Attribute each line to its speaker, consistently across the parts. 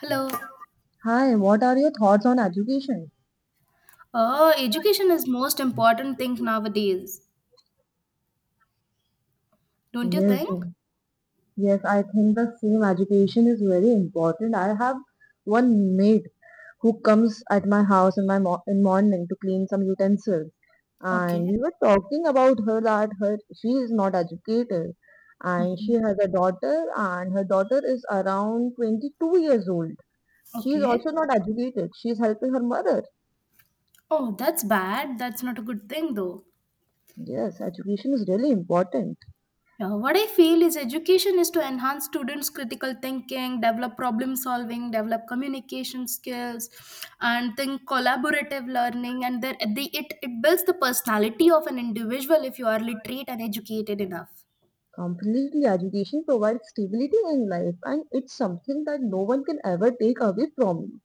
Speaker 1: Hello.
Speaker 2: Hi, what are your thoughts on education?
Speaker 1: Oh, Education is most important thing nowadays. Don't you
Speaker 2: Yes,
Speaker 1: think?
Speaker 2: yes, I think the same education is very important. I have one maid who comes at my house in my mo in morning to clean some utensils, and
Speaker 1: Okay.
Speaker 2: we were talking about her that her she is not educated, and she
Speaker 1: Mhm.
Speaker 2: has a daughter, and her daughter is around 22 years old. She is
Speaker 1: Okay.
Speaker 2: also not educated. She is helping her mother.
Speaker 1: Oh, that's bad. That's not a good thing though.
Speaker 2: Yes, education is really important.
Speaker 1: Yeah, what I feel is education is to enhance students' critical thinking, develop problem solving, develop communication skills, and think collaborative learning. And then it builds the personality of an individual if you are literate and educated enough.
Speaker 2: Completely, education provides stability in life, and it's something that no one can ever take away from you.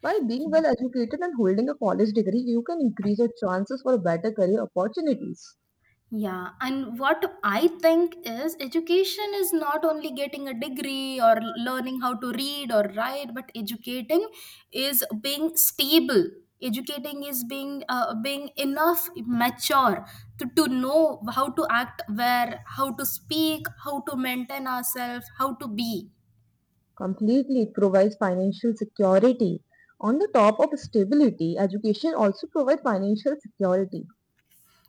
Speaker 2: By being well educated and holding a college degree, you can increase your chances for better career opportunities.
Speaker 1: Yeah, and what I think is education is not only getting a degree or learning how to read or write, but educating is being stable. Educating is being being enough mature to know how to act where, how to speak, how to maintain ourselves, how to be.
Speaker 2: Completely, it provides financial security. On the top of stability, education also provides financial security.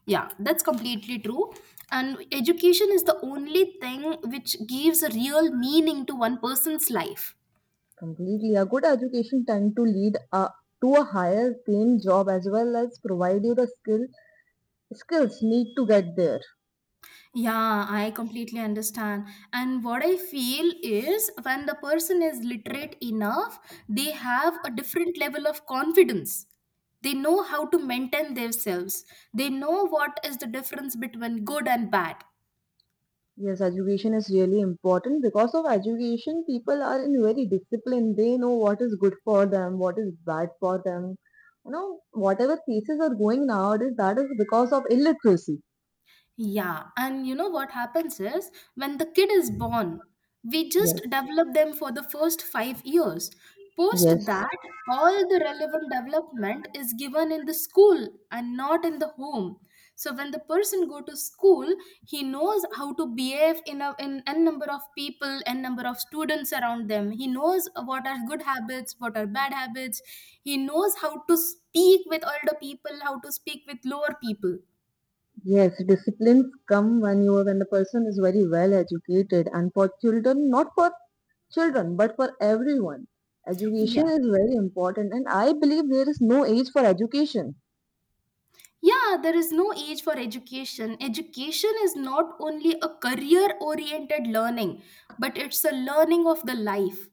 Speaker 1: Yeah, that's completely true. And education is the only thing which gives a real meaning to one person's life.
Speaker 2: Completely. A good education tend to lead to a higher paying job as well as provide you the skills need to get there.
Speaker 1: Yeah, I completely understand. And what I feel is when the person is literate enough, they have a different level of confidence. They know how to maintain themselves. They know what is the difference between good and bad.
Speaker 2: Yes, education is really important. Because of education, people are in very discipline. They know what is good for them, what is bad for them. You know, whatever cases are going nowadays, that is because of illiteracy.
Speaker 1: Yeah, and you know what happens is when the kid is born, we
Speaker 2: Yes.
Speaker 1: just develop them for the first 5 years. Post
Speaker 2: Yes.
Speaker 1: that, all the relevant development is given in the school and not in the home. So when the person go to school, he knows how to behave in a in n number of people, n number of students around them. He knows what are good habits, what are bad habits. He knows how to speak with older people, how to speak with lower people.
Speaker 2: Yes, disciplines come when the person is very well educated, and for children, not for children, but for everyone, education
Speaker 1: Yeah.
Speaker 2: is very important. And I believe there is no age for education.
Speaker 1: Yeah, there is no age for education. Education is not only a career oriented learning, but it's a learning of the life.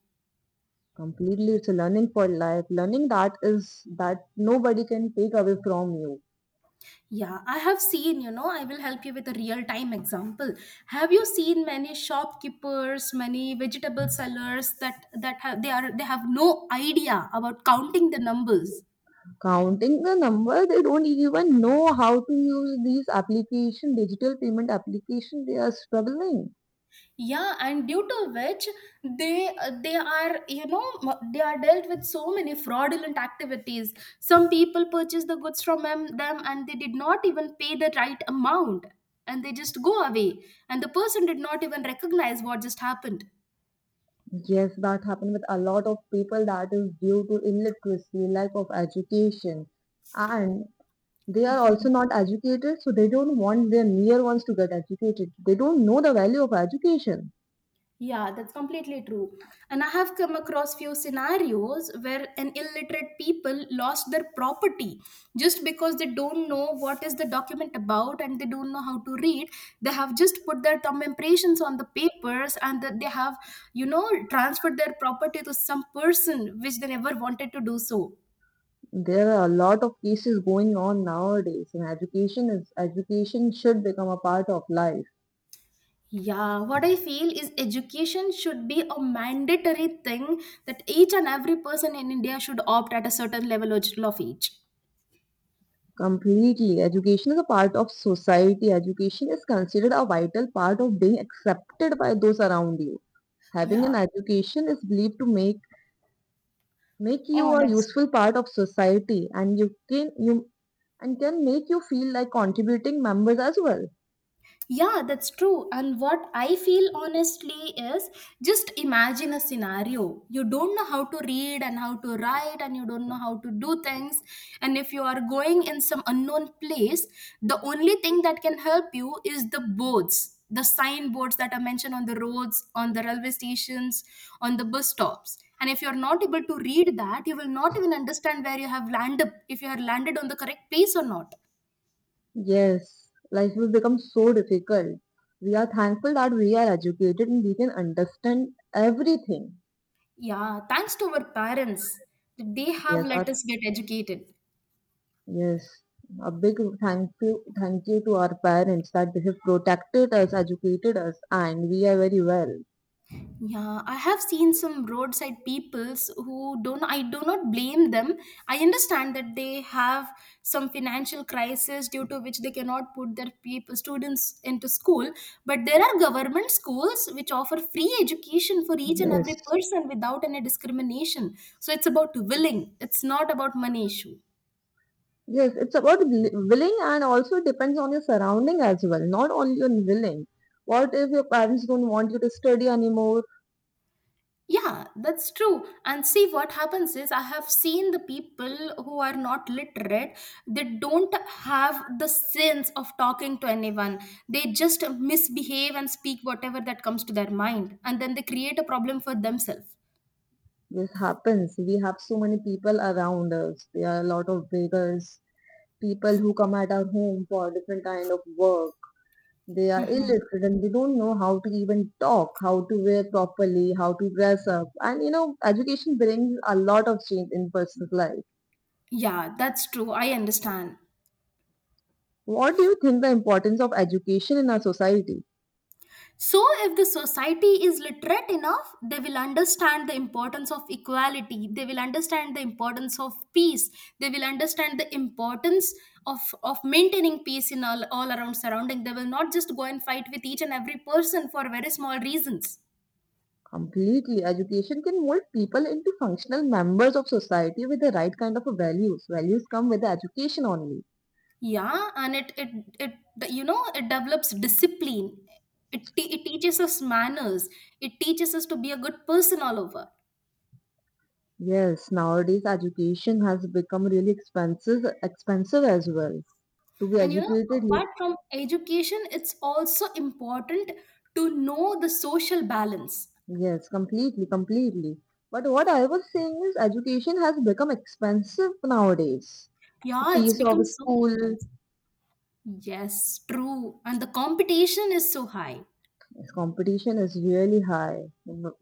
Speaker 2: Completely, it's a learning for life. Learning that is that nobody can take away from you.
Speaker 1: Yeah, I have seen, you know, I will help you with a real time example. Have you seen many shopkeepers, many vegetable sellers that have no idea about counting the numbers?
Speaker 2: Counting the number, they don't even know how to use these application, digital payment application. They are struggling.
Speaker 1: Yeah, and due to which they are they are dealt with so many fraudulent activities. Some people purchase the goods from them and they did not even pay the right amount, and they just go away and the person did not even recognize what just happened.
Speaker 2: Yes, that happened with a lot of people. That is due to illiteracy, lack of education, and they are also not educated, so they don't want their near ones to get educated. They don't know the value of education.
Speaker 1: Yeah, that's completely true. And I have come across few scenarios where an illiterate people lost their property just because they don't know what is the document about and they don't know how to read. They have just put their thumb impressions on the papers and that they have, you know, transferred their property to some person which they never wanted to do so.
Speaker 2: There are a lot of cases going on nowadays, and education is education should become a part of life.
Speaker 1: Yeah, what I feel is education should be a mandatory thing that each and every person in India should opt at a certain level of each.
Speaker 2: Completely. Education is a part of society. Education is considered a vital part of being accepted by those around you. Having an
Speaker 1: Yeah,
Speaker 2: education is believed to make you a
Speaker 1: honest,
Speaker 2: useful part of society and you can you and can make you feel like contributing members as well.
Speaker 1: yeah, that's true. And what I feel honestly is, just imagine a scenario, you don't know how to read and how to write and you don't know how to do things, and if you are going in some unknown place, the only thing that can help you is the boards, the signboards that are mentioned on the roads, on the railway stations, on the bus stops. And if you're not able to read that, you will not even understand where you have landed, if you are landed on the correct place or not.
Speaker 2: Yes, life will become so difficult. We are thankful that we are educated and we can understand everything.
Speaker 1: Yeah, thanks to our parents. They have
Speaker 2: Yes, our
Speaker 1: let us get educated.
Speaker 2: Yes, a big thank you to our parents that they have protected us, educated us, and we are very well.
Speaker 1: Yeah, I have seen some roadside peoples who don't, I do not blame them. I understand that they have some financial crisis due to which they cannot put their people, students into school. But there are government schools which offer free education for each and
Speaker 2: Yes,
Speaker 1: every person without any discrimination. So it's about willing, it's not about money issue.
Speaker 2: yes, it's about willing and also depends on your surrounding as well, not only on willing. What if your parents don't want you to study anymore?
Speaker 1: Yeah, that's true. And see, what happens is, I have seen the people who are not literate, they don't have the sense of talking to anyone. They just misbehave and speak whatever that comes to their mind, and then they create a problem for themselves.
Speaker 2: This happens. We have so many people around us. There are a lot of beggars, people who come at our home for different kind of work. They are illiterate and they don't know how to even talk, how to wear properly, how to dress up. And you know, education brings a lot of change in person's life.
Speaker 1: Yeah, that's true. I understand.
Speaker 2: What do you think the importance of education in our society?
Speaker 1: So, if the society is literate enough, they will understand the importance of equality, they will understand the importance of peace, they will understand the importance of maintaining peace in all around surrounding. They will not just go and fight with each and every person for very small reasons.
Speaker 2: Completely. Education can mold people into functional members of society with the right kind of values. Values come with the education only.
Speaker 1: Yeah, and you know, it develops discipline, it teaches us manners, it teaches us to be a good person all over.
Speaker 2: Yes, nowadays education has become really expensive as well. To be
Speaker 1: And you know,
Speaker 2: educated,
Speaker 1: apart from education, it's also important to know the social balance.
Speaker 2: yes, completely, completely. But what I was saying is education has become expensive nowadays. The
Speaker 1: Yeah, it's
Speaker 2: fees
Speaker 1: become
Speaker 2: of
Speaker 1: so
Speaker 2: school,
Speaker 1: expensive. Yes, true. And the competition is so high.
Speaker 2: yes, competition is really high. You know,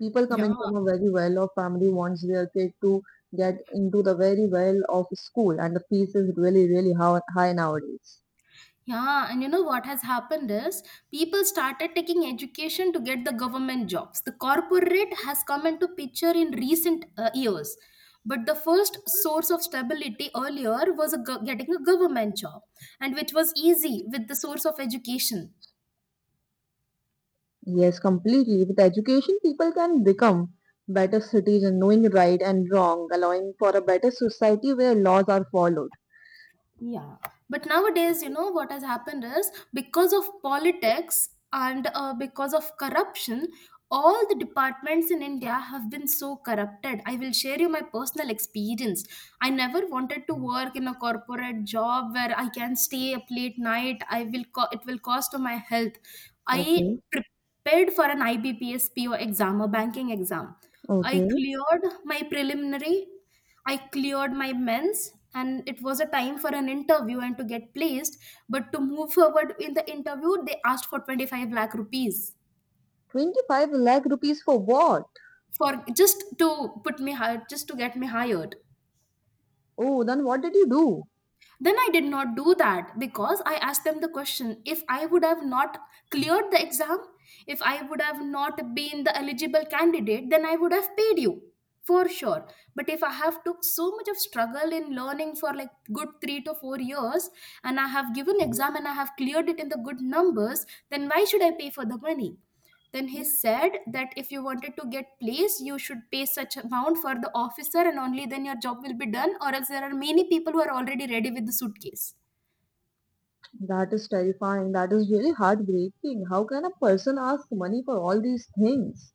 Speaker 2: people
Speaker 1: Yeah.
Speaker 2: coming from a very well-off family wants their kid to get into the very well-off school, and the fees is really, really high nowadays.
Speaker 1: Yeah. And you know what has happened is people started taking education to get the government jobs. The corporate has come into picture in recent years. But the first source of stability earlier was getting a government job, and which was easy with the source of education.
Speaker 2: Yes, completely. With education, people can become better citizens, knowing right and wrong, allowing for a better society where laws are followed.
Speaker 1: Yeah, but nowadays, you know what has happened is because of politics and because of corruption, all the departments in India have been so corrupted. I will share you my personal experience. I never wanted to work in a corporate job where I can stay up late night. I will it will cost my health. I
Speaker 2: Okay,
Speaker 1: prepared for an IBPS PO exam, a banking exam. I
Speaker 2: okay.
Speaker 1: cleared my preliminary. I cleared my mens, and it was a time for an interview and to get placed. But to move forward in the interview, they asked for 25 lakh rupees
Speaker 2: 25 lakh rupees for what?
Speaker 1: for, just to put me high, just to get me hired.
Speaker 2: Oh, then what did you do?
Speaker 1: Then I did not do that because I asked them the question, if I would have not cleared the exam, if I would have not been the eligible candidate, then I would have paid you for sure. But if I have took so much of struggle in learning for like good 3 to 4 years and I have given exam and I have cleared it in the good numbers, then why should I pay for the money? Then he said that if you wanted to get placed, you should pay such amount for the officer, and only then your job will be done. Or else there are many people who are already ready with the suitcase.
Speaker 2: That is terrifying. That is really heartbreaking. How can a person ask money for all these things?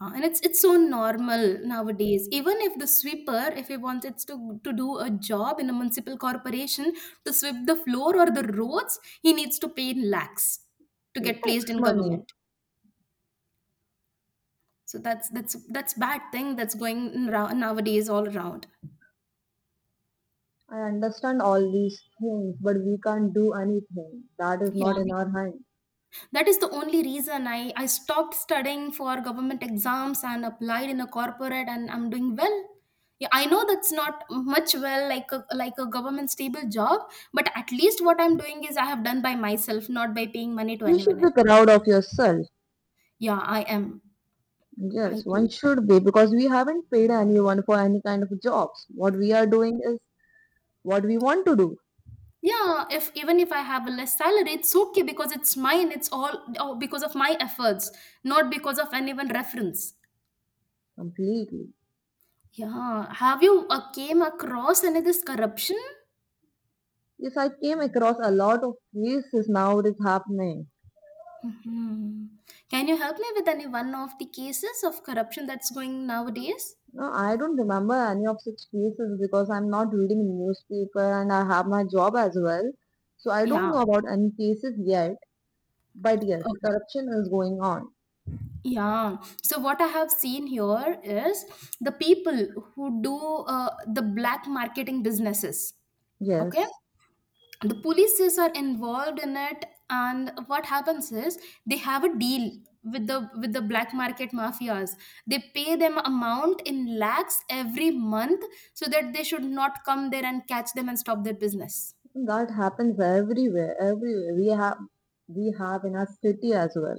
Speaker 1: And it's so normal nowadays. Even if the sweeper, if he wants to do a job in a municipal corporation, to sweep the floor or the roads, he needs to pay in lakhs to get placed
Speaker 2: Lakhs
Speaker 1: in
Speaker 2: money.
Speaker 1: government. So that's bad thing that's going in nowadays all around.
Speaker 2: I understand all these things, but we can't do anything. That is
Speaker 1: Yeah,
Speaker 2: not in our hand.
Speaker 1: that is the only reason I stopped studying for government exams and applied in a corporate and I'm doing well. Yeah, I know that's not much well, like a government stable job, but at least what I'm doing is I have done by myself, not by paying money to
Speaker 2: You
Speaker 1: anyone
Speaker 2: should be
Speaker 1: else.
Speaker 2: proud of yourself.
Speaker 1: Yeah, I am. I
Speaker 2: Yes, one
Speaker 1: do.
Speaker 2: should be because we haven't paid anyone for any kind of jobs. What we are doing is what we want to do
Speaker 1: Yeah, if even if I have a less salary it's okay because it's mine, it's all because of my efforts, not because of anyone reference.
Speaker 2: completely.
Speaker 1: Yeah, have you came across any of this corruption?
Speaker 2: Yes, I came across a lot of cases now it is happening.
Speaker 1: Mhm. Can you help me with any one of the cases of corruption that's going nowadays?
Speaker 2: No, I don't remember any of such cases because I'm not reading newspaper and I have my job as well. So I don't
Speaker 1: Yeah,
Speaker 2: know about any cases yet. But yes,
Speaker 1: okay.
Speaker 2: corruption is going on.
Speaker 1: Yeah. So what I have seen here is the people who do the black marketing businesses. Okay.
Speaker 2: Yes.
Speaker 1: The polices are involved in it, and what happens is they have a deal with the black market mafias. They pay them amount in lakhs every month so that they should not come there and catch them and stop their business.
Speaker 2: That happens everywhere. Everywhere we have in our city as well.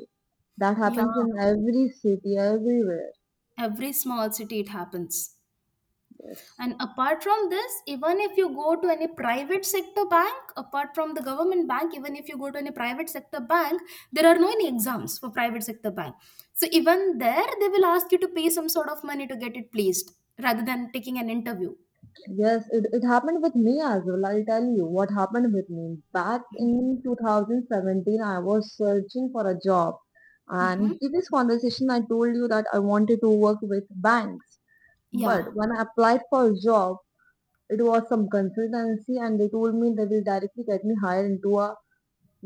Speaker 2: That
Speaker 1: Yeah.
Speaker 2: happens in every city, everywhere.
Speaker 1: Every small city it happens.
Speaker 2: Yes.
Speaker 1: And apart from this, even if you go to any private sector bank, apart from the government bank, even if you go to any private sector bank, there are no any exams for private sector bank, so even there they will ask you to pay some sort of money to get it placed rather than taking an interview.
Speaker 2: Yes, it happened with me as well. I'll tell you what happened with me. Back in 2017, I was searching for a job. And
Speaker 1: Hmm.
Speaker 2: previous conversation, I told you that I wanted to work with banks. But
Speaker 1: Yeah,
Speaker 2: when I applied for a job, it was some consultancy and they told me they will directly get me hired into a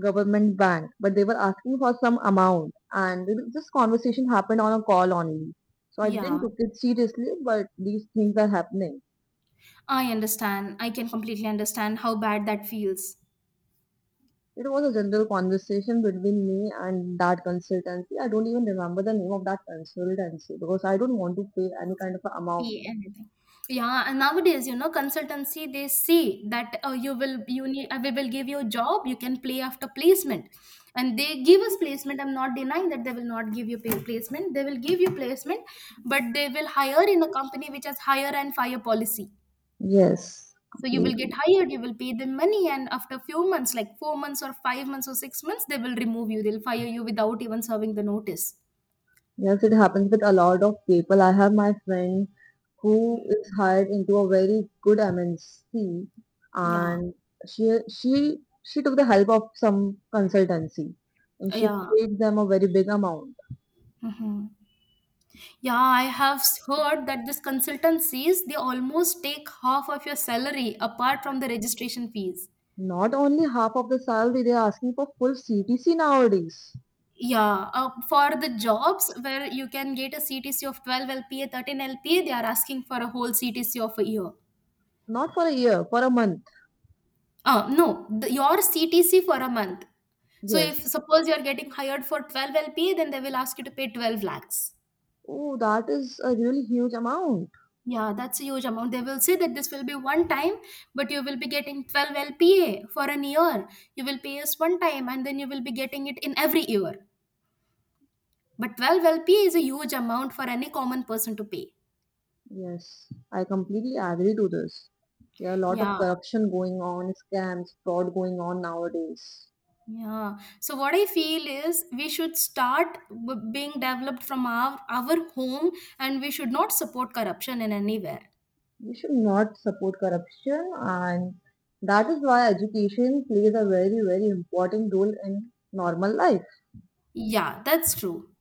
Speaker 2: government bank. But they were asking for some amount and this conversation happened on a call only. So I didn't
Speaker 1: yeah,
Speaker 2: took it seriously, but these things are happening.
Speaker 1: I understand. I can completely understand how bad that feels.
Speaker 2: It was a general conversation between me and that consultancy. I don't even remember the name of that consultancy because I don't want to pay any kind of a amount.
Speaker 1: Pay anything. Yeah, and nowadays, you know, consultancy they say that you will you need we will give you a job. You can play after placement, and they give us placement. I'm not denying that they will not give you pay placement. They will give you placement, but they will hire in a company which has hire and fire policy.
Speaker 2: Yes,
Speaker 1: So you will get
Speaker 2: completely.
Speaker 1: hired, you will pay them money, and after few months, like 4 months or 5 months or 6 months, they will remove you. They'll fire you without even serving the notice.
Speaker 2: Yes, it happens with a lot of people. I have my friend who is hired into a very good MNC
Speaker 1: Yeah,
Speaker 2: and she took the help of some consultancy and she
Speaker 1: yeah.
Speaker 2: paid them a very big amount.
Speaker 1: Mm-hmm. Yeah, I have heard that these consultancies, they almost take half of your salary apart from the registration fees.
Speaker 2: Not only half of the salary, they are asking for full CTC nowadays.
Speaker 1: Yeah, for the jobs where you can get a CTC of 12 LPA, 13 LPA, they are asking for a whole CTC of a year.
Speaker 2: Not for a year, for a month.
Speaker 1: No, the, your CTC for a month. So if
Speaker 2: Yes.
Speaker 1: suppose you are getting hired for 12 LPA, then they will ask you to pay 12 lakhs.
Speaker 2: Oh, that is a really huge amount.
Speaker 1: Yeah, that's a huge amount. They will say that this will be one time, but you will be getting 12 LPA for an year. You will pay us one time and then you will be getting it in every year. But 12 LPA is a huge amount for any common person to pay.
Speaker 2: Yes, I completely agree to this. There are a lot of
Speaker 1: Yeah,
Speaker 2: corruption going on, scams, fraud going on nowadays.
Speaker 1: yeah. So what I feel is we should start being developed from our home and we should not support corruption in anywhere.
Speaker 2: We should not support corruption and that is why education plays a very very important role in normal life.
Speaker 1: Yeah, that's true.